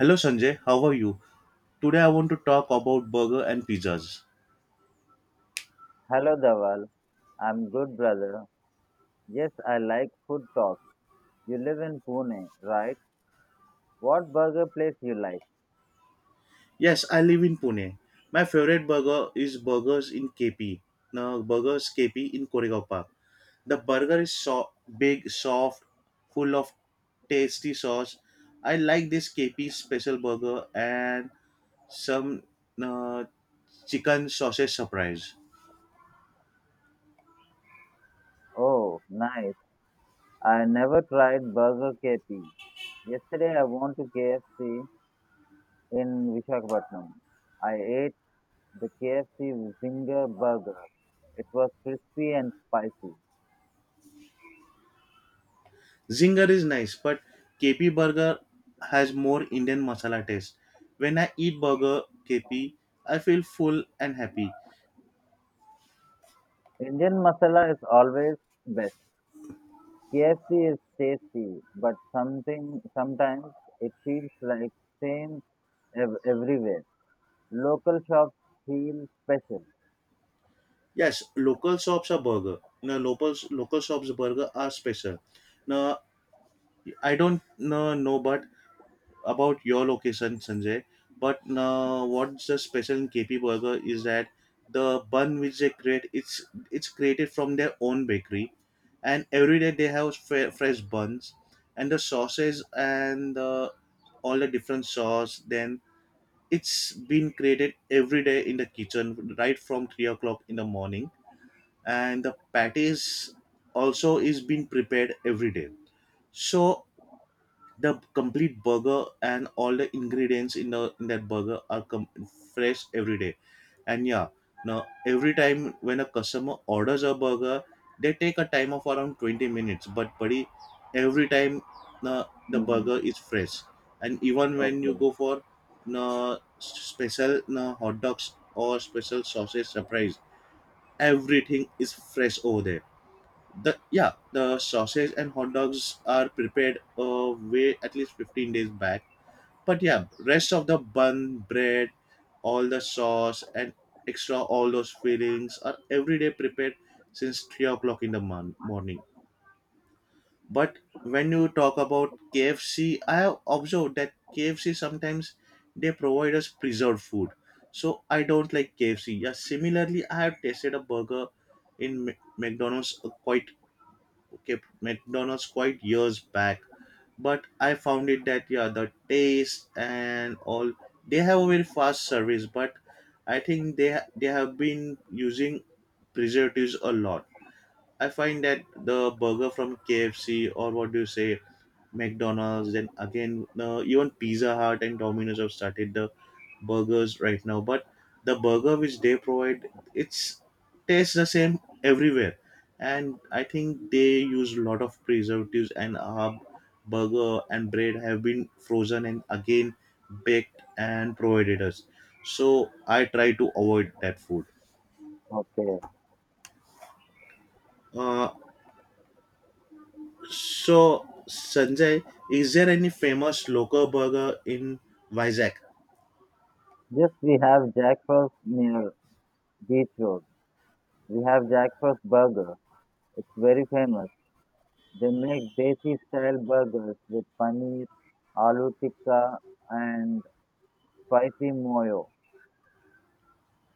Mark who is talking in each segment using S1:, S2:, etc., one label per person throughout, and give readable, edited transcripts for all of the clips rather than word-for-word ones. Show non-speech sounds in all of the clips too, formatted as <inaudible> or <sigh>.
S1: Hello Sanjay, how are you? Today I want to talk about burger and pizzas.
S2: Hello, Dawal. I'm good, brother. Yes, I like food talk. You live in Pune, right? What burger place you like?
S1: Yes, I live in Pune. My favorite burger is burgers in KP. No, burgers KP in Koregaon Park. The burger is so big, soft, full of tasty sauce. I like this KP special burger and some uh, chicken sausage surprise.
S2: Oh, nice. I never tried Burger KP. Yesterday I went to KFC in Visakhapatnam. I ate the KFC Zinger burger. It was crispy and spicy.
S1: Zinger is nice, but KP burger has more Indian masala taste. When I eat burger KP, I feel full and happy.
S2: Indian masala is always best. KFC is tasty, but something sometimes it feels like same everywhere. Local shops feel special.
S1: Yes, local shops are burger. No, local shops burger are special. No, I don't no, know, but about your location, Sanjay. But what's the special in KP Burger is that the bun which they create, it's created from their own bakery, and every day they have fresh buns, and the sauces and all the different sauce. Then it's been created every day in the kitchen, right from 3 o'clock in the morning, and the patties also is being prepared every day. So the complete burger and all the ingredients in the in that burger are fresh every day, and yeah, now every time when a customer orders a burger they take a time of around 20 minutes, but buddy every time the the
S2: Hmm.
S1: burger is fresh. And even when you
S2: Okay,
S1: go for no special, no hot dogs or special sausage surprise, everything is fresh over there. The yeah, the sausage and hot dogs are prepared way at least 15 days back. But yeah, rest of the bun, bread, all the sauce, and extra all those fillings are every day prepared since 3 o'clock in the morning. But when you talk about KFC, I have observed that KFC sometimes they provide us preserved food. So I don't like KFC. Yeah, similarly, I have tasted a burger in McDonald's quite kept McDonald's quite years back, but I found it that yeah, the taste and all, they have a very fast service, but I think they have been using preservatives a lot. I find that the burger from KFC, or what do you say, McDonald's, then again even Pizza Hut and Domino's have started the burgers right now. But the burger which they provide, it's tastes the same everywhere, and I think they use a lot of preservatives and our burger and bread have been frozen and again baked and provided us. So I try to avoid that food.
S2: okay.
S1: Uh, so Sanjay, is there any famous local burger in Vizag?
S2: Yes, we have Jack Frost near Beach Road. We have Jack Frost Burger. It's very famous. They make desi style burgers with paneer, aloo tikka, and spicy moyo.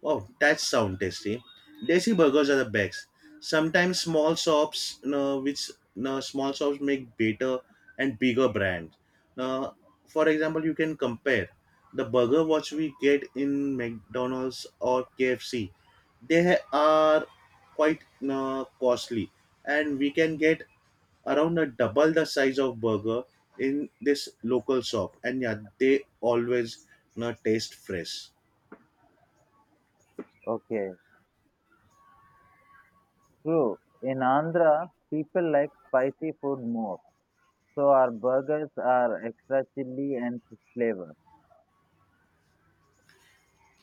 S1: Oh, that sound tasty. Desi burgers are the best. Sometimes small shops, which small shops make better and bigger brands. Now, for example, you can compare the burger what we get in McDonald's or KFC. They are quite costly, and we can get around a double the size of burger in this local shop. And yeah, they always taste fresh.
S2: Okay, true. In Andhra, people like spicy food more. So our burgers are extra chili and flavor.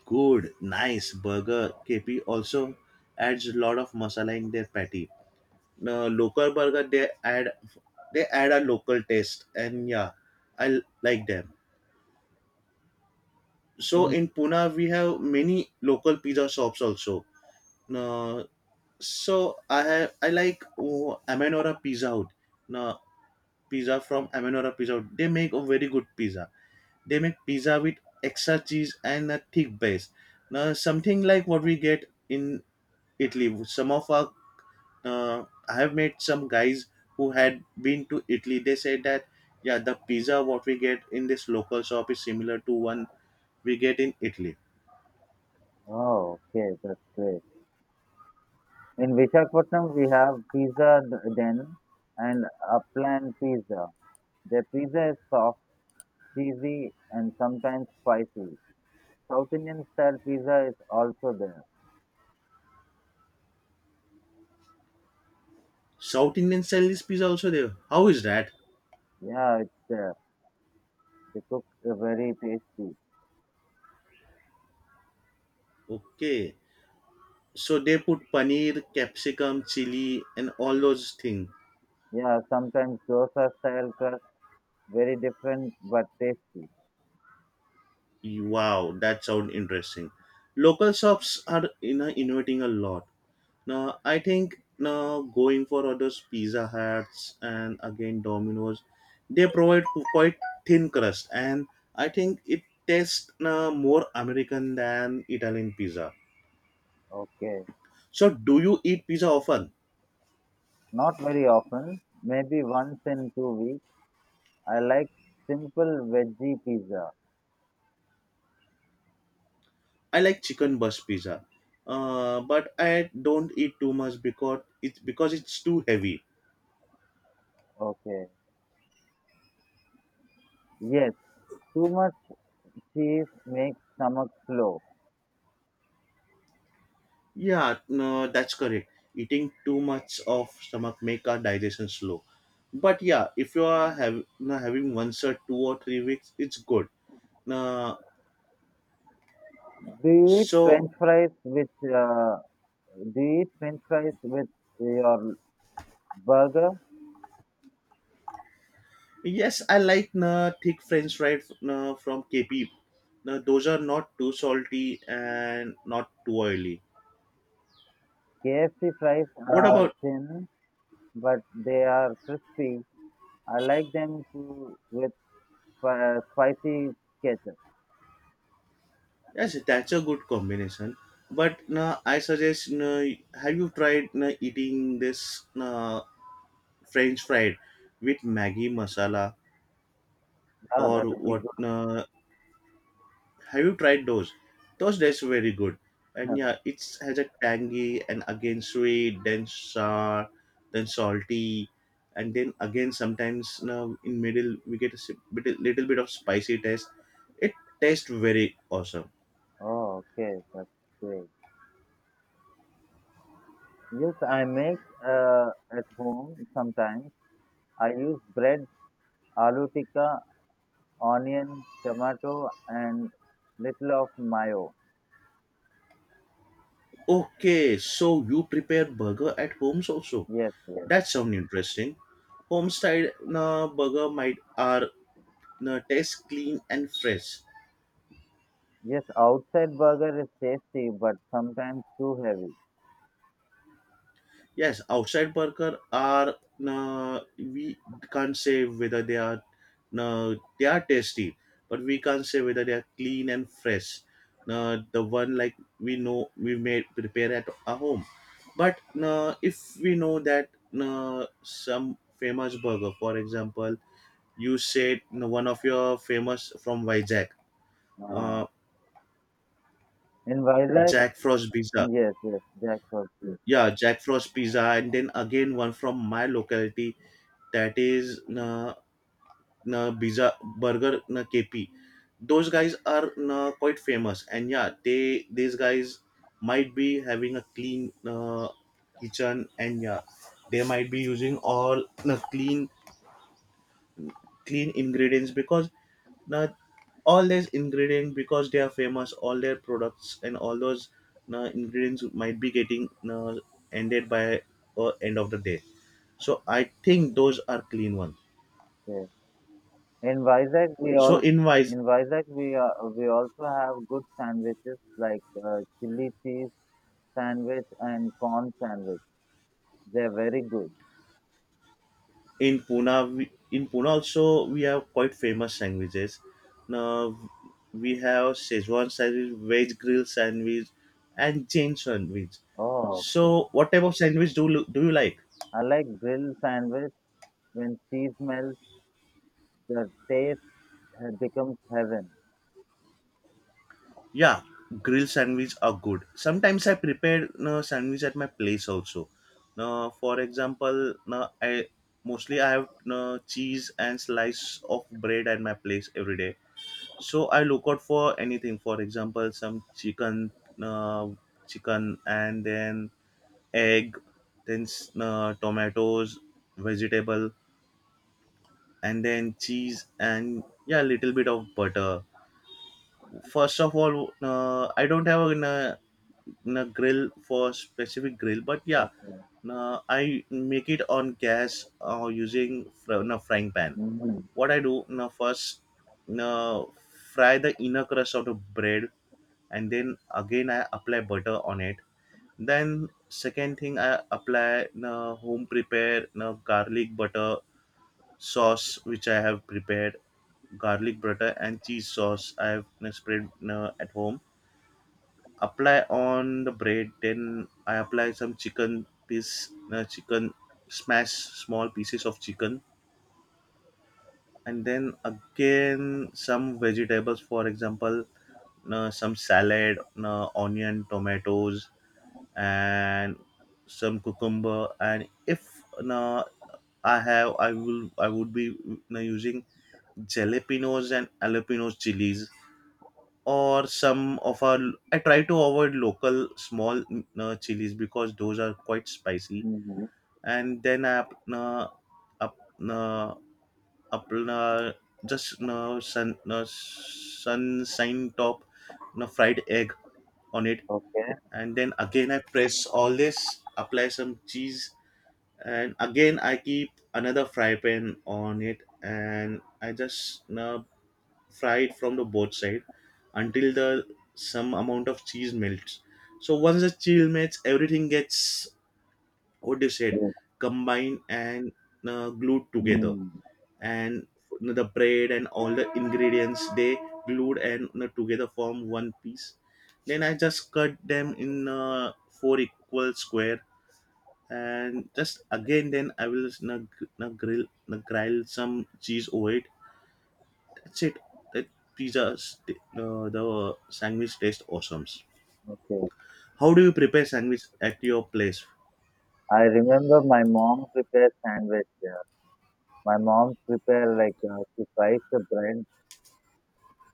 S1: Good, nice burger. KP also adds a lot of masala in their patty. No, local burger they add a local taste, and yeah, like them. So
S2: In
S1: in Pune we have many local pizza shops also. No, so I like oh, Amenora Pizza Hut. No, pizza from Amenora Pizza Hut. They make a very good pizza. They make pizza with extra cheese and a thick base. Now something like what we get in Italy. Some of our I have met some guys who had been to Italy. They said that yeah, the pizza what we get in this local shop is similar to one we get in Italy.
S2: Oh, okay, that's great. In Vishakhapatnam, we have den and upland pizza. Their pizza is soft, cheesy, and sometimes spicy. South Indian style pizza is also there.
S1: South Indian style is pizza also there. How is that?
S2: Yeah, it's there. They cook very tasty.
S1: Okay, so they put paneer, capsicum, chili, and all those things.
S2: Yeah, sometimes dosa style crust, very different but tasty.
S1: Wow, that sounds interesting. Local shops are innovating a lot. Now I think now going for others Pizza Hats and again Domino's, they provide quite thin crust, and I think it tastes now more American than Italian pizza.
S2: Okay,
S1: So do you eat pizza often?
S2: not very often, maybe once in 2 weeks. I like simple veggie pizza.
S1: I like chicken bust pizza, but I don't eat too much because it's too heavy.
S2: Okay. Yes, too much cheese makes stomach slow.
S1: Yeah, no, that's correct. Eating too much of stomach make our digestion slow. But yeah, if you are have, no, having once or 2 or 3 weeks, it's good. No,
S2: Do you eat
S1: so
S2: French fries with do you eat French fries with your burger?
S1: yes, I like no, thick French fries no, from KP. No, those are not too salty and not too oily.
S2: KFC fries
S1: What
S2: are
S1: about?
S2: thin, but they are crispy. I like them too with spicy ketchup.
S1: Yes, that's a good combination. But no, I suggest no, have you tried no, eating this no, French fried with Maggi masala,
S2: Oh, that
S1: or
S2: would be
S1: what
S2: good.
S1: have you tried those, that's very good, and yeah,
S2: <laughs>
S1: it has a tangy and again sweet then sour then salty, and then again sometimes now in middle we get a bit, little bit of spicy taste. It tastes very awesome.
S2: Oh, okay, that's great. Yes, I make uh, at home sometimes. I use bread, aloo tikka, onion, tomato, and little of mayo.
S1: Okay, so you prepare burger at homes also.
S2: Yes, yes.
S1: That sounds interesting. Homestyle burger might are taste clean and fresh.
S2: Yes, outside burger is tasty, but sometimes too heavy.
S1: Yes, outside worker are we can't say whether they are tasty, but we can't say whether they are clean and fresh. The one like we know we made prepare at our home, but if we know that some famous burger, for example, you said one of your famous from Vijay,
S2: Uh,
S1: uh,
S2: in Vizag,
S1: Jack Frost pizza,
S2: yes, yes, jackfruit, yes.
S1: yeah, Jack Frost pizza, and then again one from my locality that is. Biza Burger KP. Those guys are quite famous, and yeah, they these guys might be having a clean kitchen, and yeah, they might be using all clean ingredients because uh, all these ingredients because they are famous. All their products and all those ingredients might be getting ended by end of the day. So I think those are clean ones.
S2: Okay. In Vizag, we
S1: So
S2: all
S1: in wise.
S2: in Vizag we also have good sandwiches like chili cheese sandwich and corn sandwich. They are very good.
S1: In Pune, we, in Pune also we have quite famous sandwiches. Now we have Szechuan sandwich, veg grill sandwich, and Jain sandwich.
S2: Oh, okay.
S1: So, what type of sandwich do you like?
S2: I like grilled sandwich when cheese melts. The taste becomes heaven.
S1: Yeah, grill sandwich are good. Sometimes I prepare sandwich at my place also. Now, for example, now I mostly I have cheese and slice of bread at my place every day. So I look out for anything, for example, some chicken uh, chicken, and then egg, then tomatoes, vegetable, and then cheese, and yeah, little bit of butter. First of all, I don't have a grill for specific grill, but yeah,
S2: Okay.
S1: I make it on gas or using a frying pan.
S2: Mm-hmm.
S1: What I do now, first uh, fry the inner crust of the bread, and then again I apply butter on it. Then second thing, I apply home prepare garlic butter sauce which I have prepared, garlic butter and cheese sauce I have spread at home, apply on the bread. Then I apply some chicken piece chicken smash, small pieces of chicken, and then again some vegetables, for example, some salad, onion, tomatoes, and some cucumber. And if now I have I will I would be using jalapenos and jalapenos chilies, or some of our, I try to avoid local small chilies because those are quite spicy.
S2: Mm-hmm.
S1: And then I up up uh, up just no sun, no sunshine top, no fried egg on it.
S2: Okay.
S1: And then again I press all this, apply some cheese, and again I keep another fry pan on it and I just fry it from the both side until the some amount of cheese melts. So once the cheese melts, everything gets what do you said
S2: Yes.
S1: combined and glued together,
S2: Mm.
S1: and the bread and all the ingredients they glued and together form one piece. Then I just cut them in four equal square, and just again then I will just nug, nug grill some cheese over it. That's it. That pizza st- the, the sandwich tastes awesome.
S2: Okay.
S1: How do you prepare sandwich at your place?
S2: I remember my mom prepares sandwich. Yeah. My mom prepare like she fries the bread.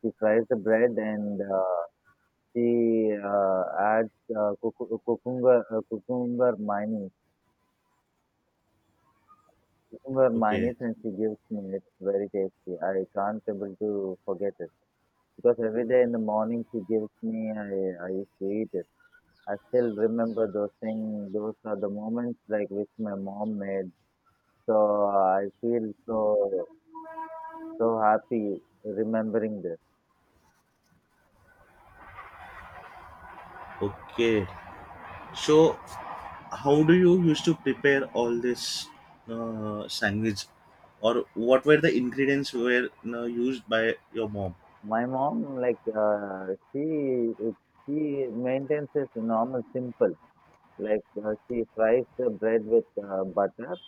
S2: She fries the bread and she adds cucumber cucumber mayonnaise. Cucumber
S1: Okay.
S2: mayonnaise and she gives me. It's very tasty. I can't able to forget it because every day in the morning she gives me. I used to eat it. I still remember those things. Those are the moments like which my mom made. So I feel so so happy remembering this.
S1: Okay, so how do you used to prepare all this sandwich, or what were the ingredients were used by your mom?
S2: My mom like she it, she maintains this normal simple like she fries the bread with butter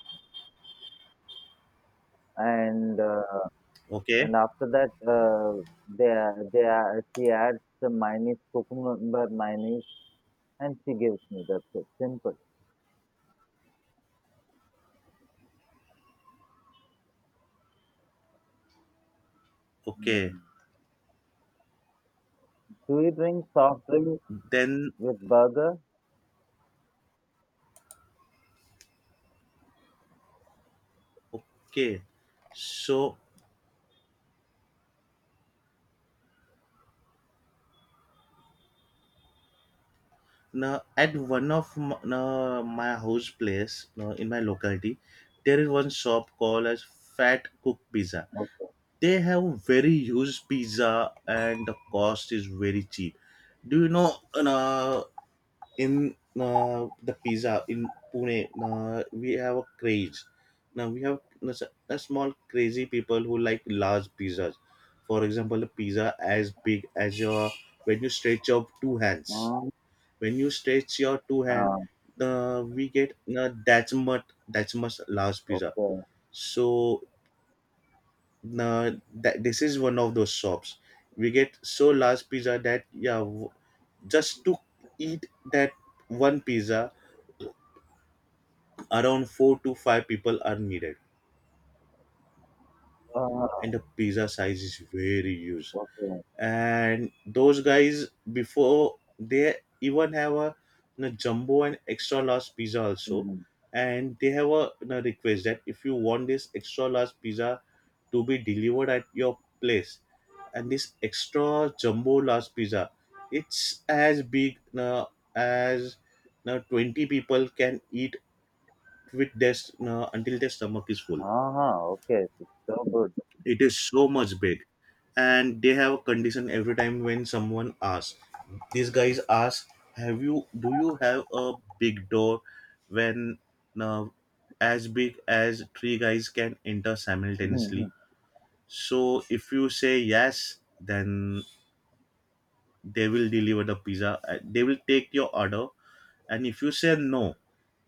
S2: and uh,
S1: Okay.
S2: and after that they they she adds the mayonnaise cucumber mayonnaise and she gives me, that's it, simple.
S1: Okay.
S2: Mm. Do you drink soft drink
S1: Then
S2: with burger?
S1: okay, so now, at one of m- now, my house place, now, in my locality, there is one shop called as Fat Cook Pizza.
S2: Okay.
S1: They have very huge pizza and the cost is very cheap. Do you know now, in now, the pizza in Pune, now, we have a craze. Now we have now, small crazy people who like large pizzas. For example, a pizza as big as your, when you stretch out two hands,
S2: Mm,
S1: when you stretch your two hand,
S2: ah,
S1: we get that much large pizza.
S2: okay.
S1: So that this is one of those shops. We get so large pizza that yeah, just to eat that one pizza, around four to five people are needed,
S2: Ah,
S1: and the pizza size is very huge.
S2: okay.
S1: And those guys before they even have a jumbo and extra large pizza also,
S2: Mm-hmm.
S1: and they have a request that if you want this extra large pizza to be delivered at your place. And this extra jumbo large pizza, it's as big as now 20 people can eat with this until their stomach is full.
S2: Ah, okay. It's so good.
S1: It is so much big. And they have a condition every time when someone asks. These guys ask, "Have you? Do you have a big door when uh, as big as three guys can enter
S2: <laughs>
S1: simultaneously?"
S2: Mhm.
S1: So if you say yes, then they will deliver the pizza. They will take your order, and if you say no,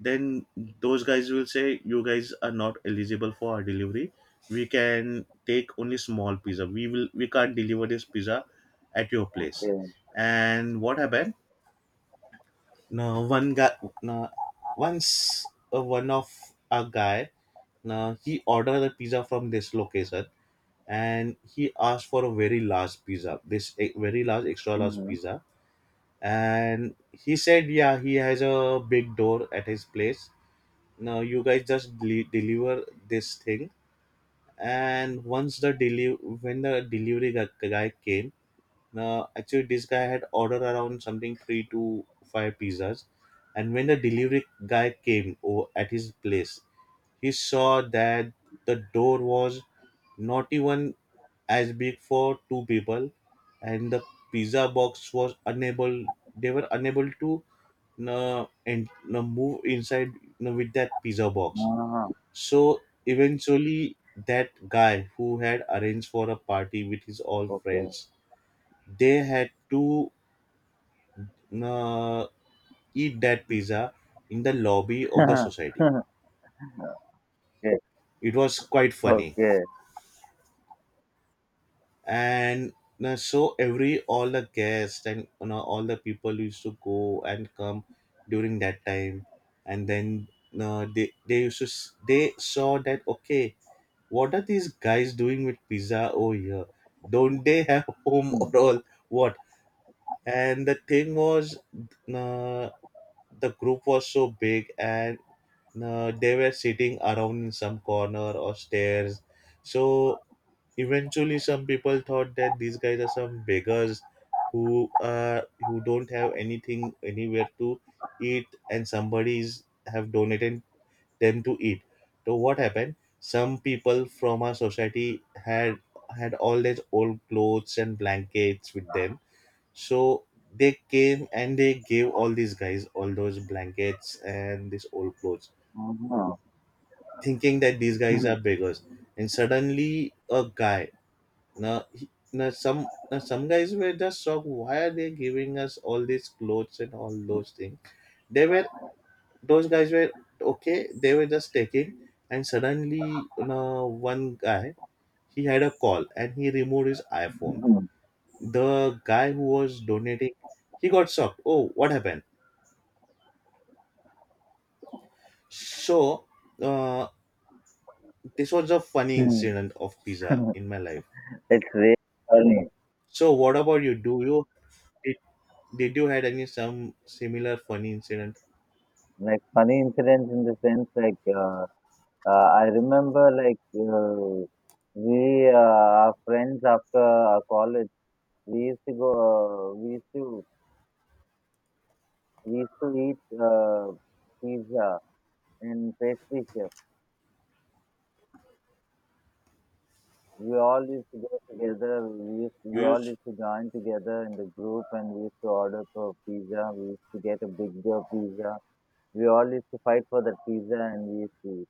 S1: then those guys will say you guys are not eligible for our delivery. We can take only small pizza. We can't deliver this pizza at your place.
S2: Okay.
S1: And what happened? Now one guy, now once, one of a guy, now he ordered the pizza from this location, and he asked for a very large pizza, very large extra large
S2: Mm-hmm.
S1: pizza. And he said yeah, he has a big door at his place. Now you guys just deliver this thing. And once the when the delivery guy came, now actually this guy had ordered around something three to five pizzas. And when the delivery guy came at his place, he saw that the door was not even as big for two people, and the pizza box was unable. They were unable to and move inside with that pizza box.
S2: Ah,
S1: So eventually, that guy who had arranged for a party with his all
S2: okay.
S1: friends, they had to uh, eat that pizza in the lobby of the society.
S2: <laughs> Okay.
S1: It was quite funny.
S2: Okay.
S1: And you know, so every all the guests and all the people used to go and come during that time. And then you know, they used to they saw that okay, what are these guys doing with pizza over here? Don't they have <laughs> home or
S2: Mm.
S1: all what? And the thing was uh, the group was so big, and they were sitting around in some corner or stairs. So eventually, some people thought that these guys are some beggars who uh, who don't have anything anywhere to eat, and somebody's have donated them to eat. So what happened? Some people from our society had had all these old clothes and blankets with them. So they came and they gave all these guys all those blankets and these old clothes,
S2: Ah.
S1: thinking that these guys
S2: Mhm.
S1: are beggars. And suddenly, a guy, now some guys were just shocked. Why are they giving us all these clothes and all those things? They were, those guys were, okay, they were just taking. And suddenly, one guy, he had a call and he removed his iPhone. The guy who was donating, he got shocked. Oh, what happened? So, uh, this was a funny
S2: Mhm.
S1: incident of pizza
S2: <laughs>
S1: in my life.
S2: It's really funny.
S1: So, what about you? Did, did you had any some similar funny incident?
S2: Like funny incidents in the sense like I remember like we are friends after our college. We used to go. We used to eat pizza and pastry chef. We all used to go together.
S1: You
S2: We all
S1: used.
S2: used to join together in the group, and we used to order for pizza. We used to get a big pizza. We all used to fight for that pizza, and we used to eat.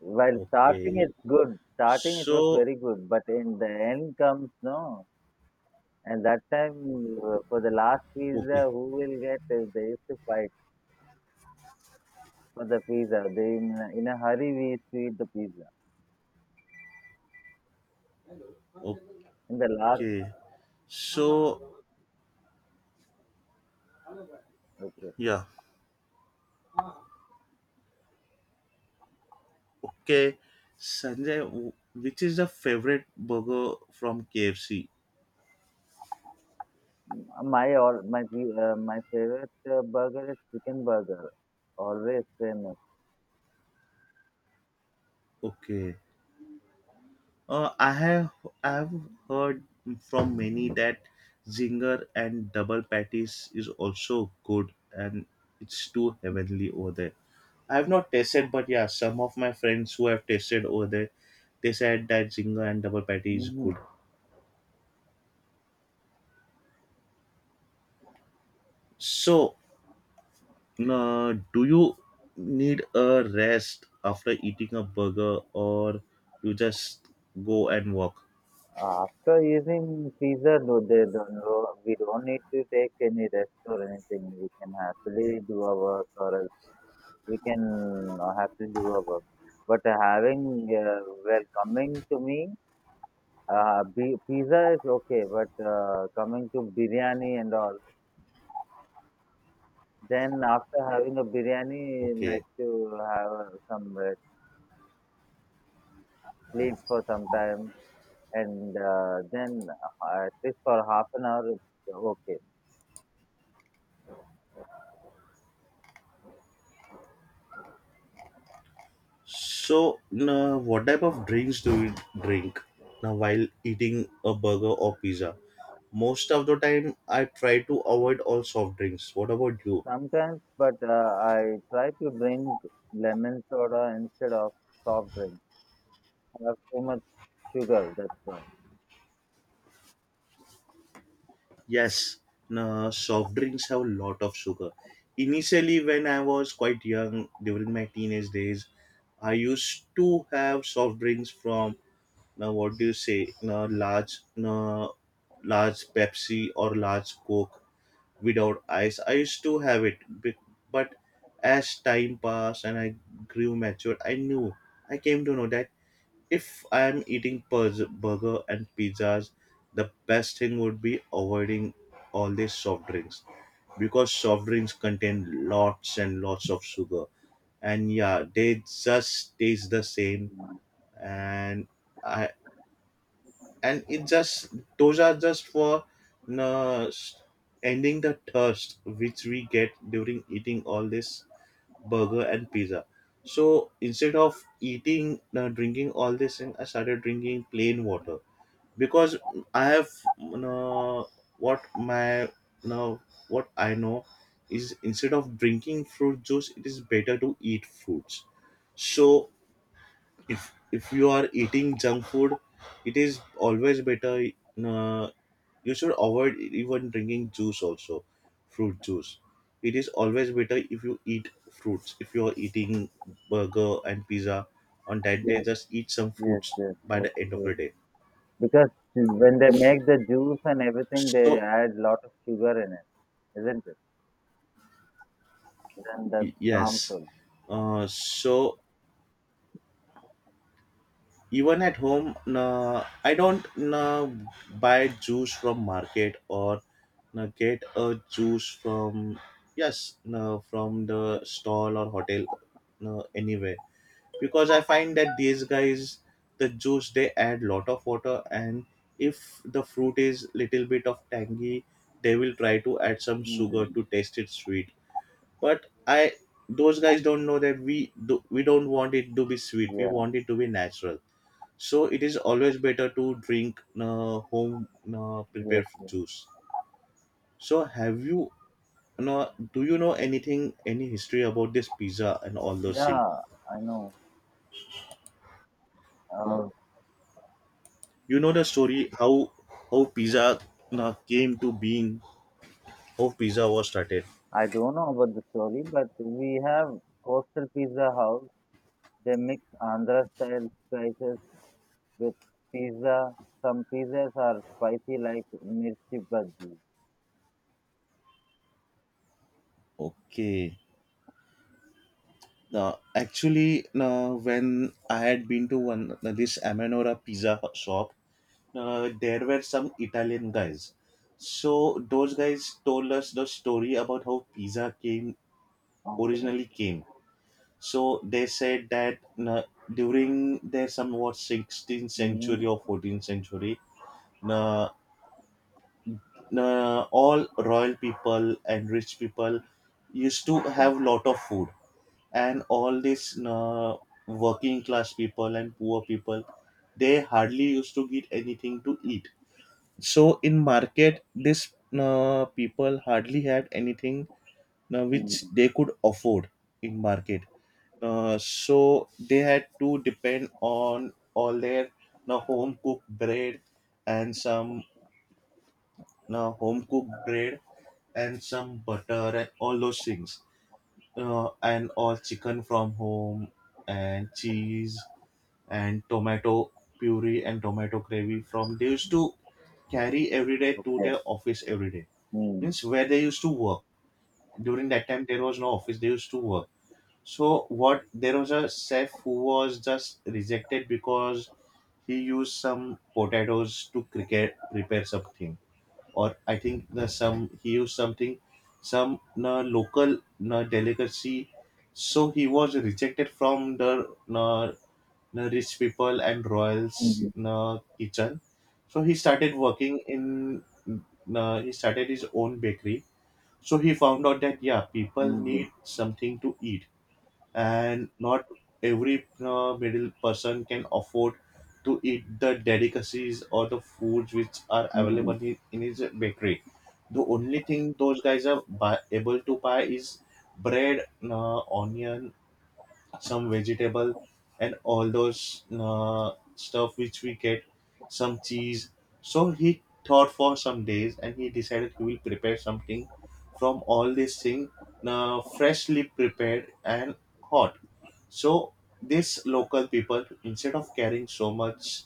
S2: While starting,
S1: Okay.
S2: it's good. Starting, it was
S1: So
S2: very good, but in the end comes no. And that time, for the last
S1: okay,
S2: pizza, who will get? They used to fight. For the pizza, they in a hurry we eat the pizza. In the last,
S1: okay. So
S2: okay.
S1: yeah, okay. Sanjay, which is the favorite burger from KFC?
S2: M- My all my pi- My favorite burger is chicken burger. Always famous.
S1: Okay. Uh, I have I have heard from many that zinger and double patties is also good, and it's too heavenly over there. I have not tasted, but yeah, some of my friends who have tasted over there, they said that zinger and double patty is
S2: Hmm.
S1: good. So do you need a rest after eating a burger, or you just go and walk?
S2: After using pizza, no, they don't know. We don't need to take any rest or anything. We can happily do our work, or else we can happily do our work. But having well coming to me, pizza is okay, but coming to biryani and all. Then after having a biryani,
S1: Okay.
S2: like to have some sleep for some time, and then at least for half an hour, it's okay.
S1: So, now what type of drinks do you drink now while eating a burger or pizza? Most of the time, I try to avoid all soft drinks. What about you?
S2: Sometimes, but I try to drink lemon soda instead of soft drinks. I have too much sugar, that's why.
S1: Yes, now soft drinks have a lot of sugar. Initially, when I was quite young during my teenage days, I used to have soft drinks from, now what do you say, now large, now large Pepsi or large Coke without ice. I used to have it, but as time passed and I grew mature, I knew, I came to know that if I am eating burger and pizzas, the best thing would be avoiding all these soft drinks because soft drinks contain lots and lots of sugar. And yeah, they just taste the same. and I, and it just, those are just for uh, s- ending the thirst which we get during eating all this burger and pizza. So instead of eating drinking all this thing, I started drinking plain water because I have, uh, what my now what I know is, instead of drinking fruit juice, it is better to eat fruits. So if you are eating junk food, it is always better, uh, you should avoid even drinking juice also, fruit juice. It is always better if you eat fruits. If you are eating burger and pizza, on that day
S2: Yes,
S1: just eat some
S2: yes,
S1: fruits
S2: yes,
S1: by the
S2: that's
S1: end of the
S2: true.
S1: day.
S2: Because when they make the juice and everything, they
S1: So
S2: add lot of sugar in it, isn't it? Then that's
S1: yes,
S2: harmful.
S1: so even at home, no, I don't, no, buy juice from market, or no, get a juice from, yes, no, from the stall or hotel, no, anywhere, because I find that these guys, the juice, they add lot of water. And if the fruit is little bit of tangy, they will try to add some
S2: Hmm.
S1: sugar to taste it sweet. But I, those guys don't know that we do, we don't want it to be sweet, we
S2: Yeah,
S1: want it to be natural. So it is always better to drink home
S2: yes.
S1: prepared juice. So have you, know do you know anything, any history about this pizza and all those things?
S2: Yeah, I know. Uh,
S1: You know the story how pizza came to being, how pizza was started.
S2: I don't know about the story, but we have coastal pizza house. They mix Andhra style spices with pizza. Some pizzas are spicy like mirchi bhaji.
S1: Okay. Now, actually, now when I had been to one this Amanora pizza shop, there were some Italian guys. So those guys told us the story about how pizza came,
S2: Okay.
S1: originally came. So they said that na, during their somewhat 16th
S2: Hmm.
S1: century or 14th century, na, all royal people and rich people used to
S2: Okay.
S1: have lot of food. And all these na, working class people and poor people, they hardly used to get anything to eat. So in market, this na, people hardly had anything na, which
S2: Hmm.
S1: they could afford in market. So they had to depend on all their, now home cooked bread and some, now home cooked bread butter and all those things, and all chicken from home, and cheese, and tomato puree, and tomato gravy. From, they used to carry every day to
S2: Okay.
S1: their office every day,
S2: Hmm.
S1: means where they used to work. During that time there was no office they used to work. So what, there was a chef who was just rejected because he used some potatoes to cricket prepare something, or I think the some, he used something, some na local na delicacy. So he was rejected from the na, na rich people and royals
S2: Hmm.
S1: na kitchen. So he started working in, na, he started his own bakery. So he found out that yeah, people need
S2: Hmm.
S1: something to eat, and not every middle person can afford to eat the delicacies or the foods which are available
S2: Hmm.
S1: in his bakery. The only thing those guys are buy, able to buy is bread, onion, some vegetable, and all those stuff which we get, some cheese. So he thought for some days and he decided he will prepare something from all this thing, freshly prepared and hot. So these local people, instead of carrying so much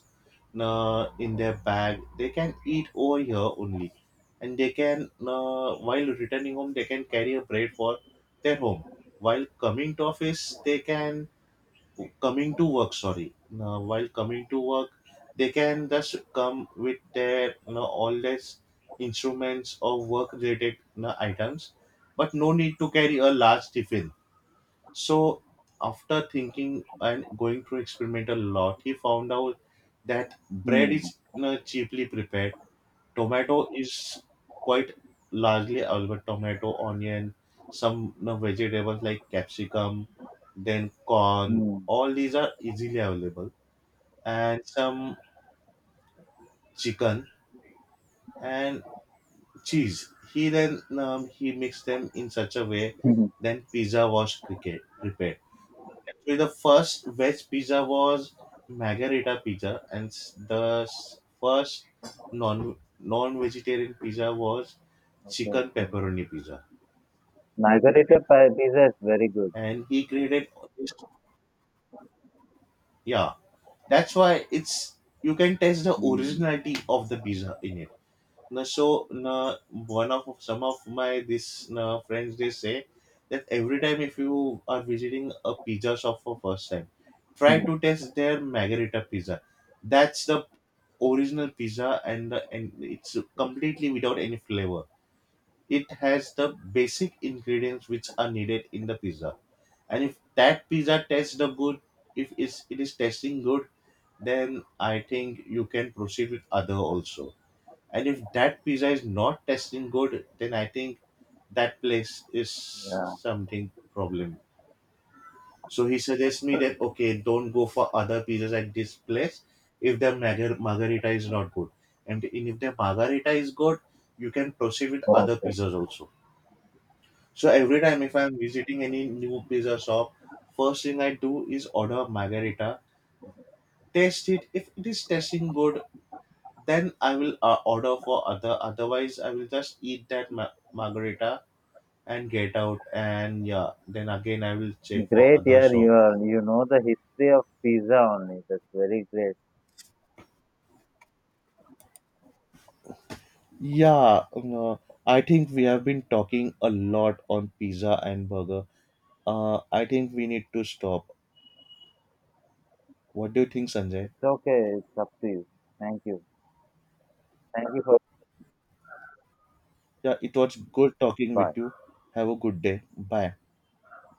S1: in their bag, they can eat over here only. And they can, while returning home they can carry a bread for their home. While coming to office, they can, coming to work. Sorry, while coming to work, they can just come with their all these instruments or work related items, but no need to carry a large tiffin. So after thinking and going to experiment a lot, he found out that bread
S2: Hmm.
S1: is
S2: Hmm.
S1: cheaply prepared. Tomato is quite largely available. Tomato, onion, some vegetables like capsicum, then corn.
S2: Hmm.
S1: All these are easily available, and some chicken and cheese. He then he mixed them in such a way.
S2: <laughs>
S1: Then pizza was cricket prepared. Actually, the first veg pizza was margherita pizza, and the first non vegetarian pizza was
S2: Okay.
S1: chicken
S2: Okay.
S1: pepperoni pizza.
S2: Pizza is very good.
S1: And he created this. Yeah, that's why it's, you can taste the
S2: Mm.
S1: originality of the pizza in it. Na, so na, one of some of my this na friends, they say that every time if you are visiting a pizza shop for first time, try
S2: Mm.
S1: to taste their margherita pizza. That's the original pizza, and it's completely without any flavor. It has the basic ingredients which are needed in the pizza. And if that pizza tastes the good, if it's, it is tasting good, then I think you can proceed with other also. And if that pizza is not tasting good, then I think that place is
S2: Yeah.
S1: something problem. So he suggests me that okay, don't go for other pizzas at this place if the margarita is not good. And if the margarita is good, you can proceed with other
S2: Okay.
S1: pizzas also. So every time if I'm visiting any new pizza shop, first thing I do is order a margarita, taste it. If it is tasting good, then I will order for other. Otherwise, I will just eat that margarita and get out. And yeah, then again I will check for
S2: Great,
S1: other
S2: yeah,
S1: shop.
S2: you are. You know the history of pizza only. That's very great.
S1: Yeah, no, I think we have been talking a lot on pizza and burger. I think we need to stop. What do you think, Sanjay?
S2: It's okay. It's up to you. Thank you. Thank you for.
S1: Yeah, it was good talking with
S2: Bye.
S1: you. Have a good day. Bye.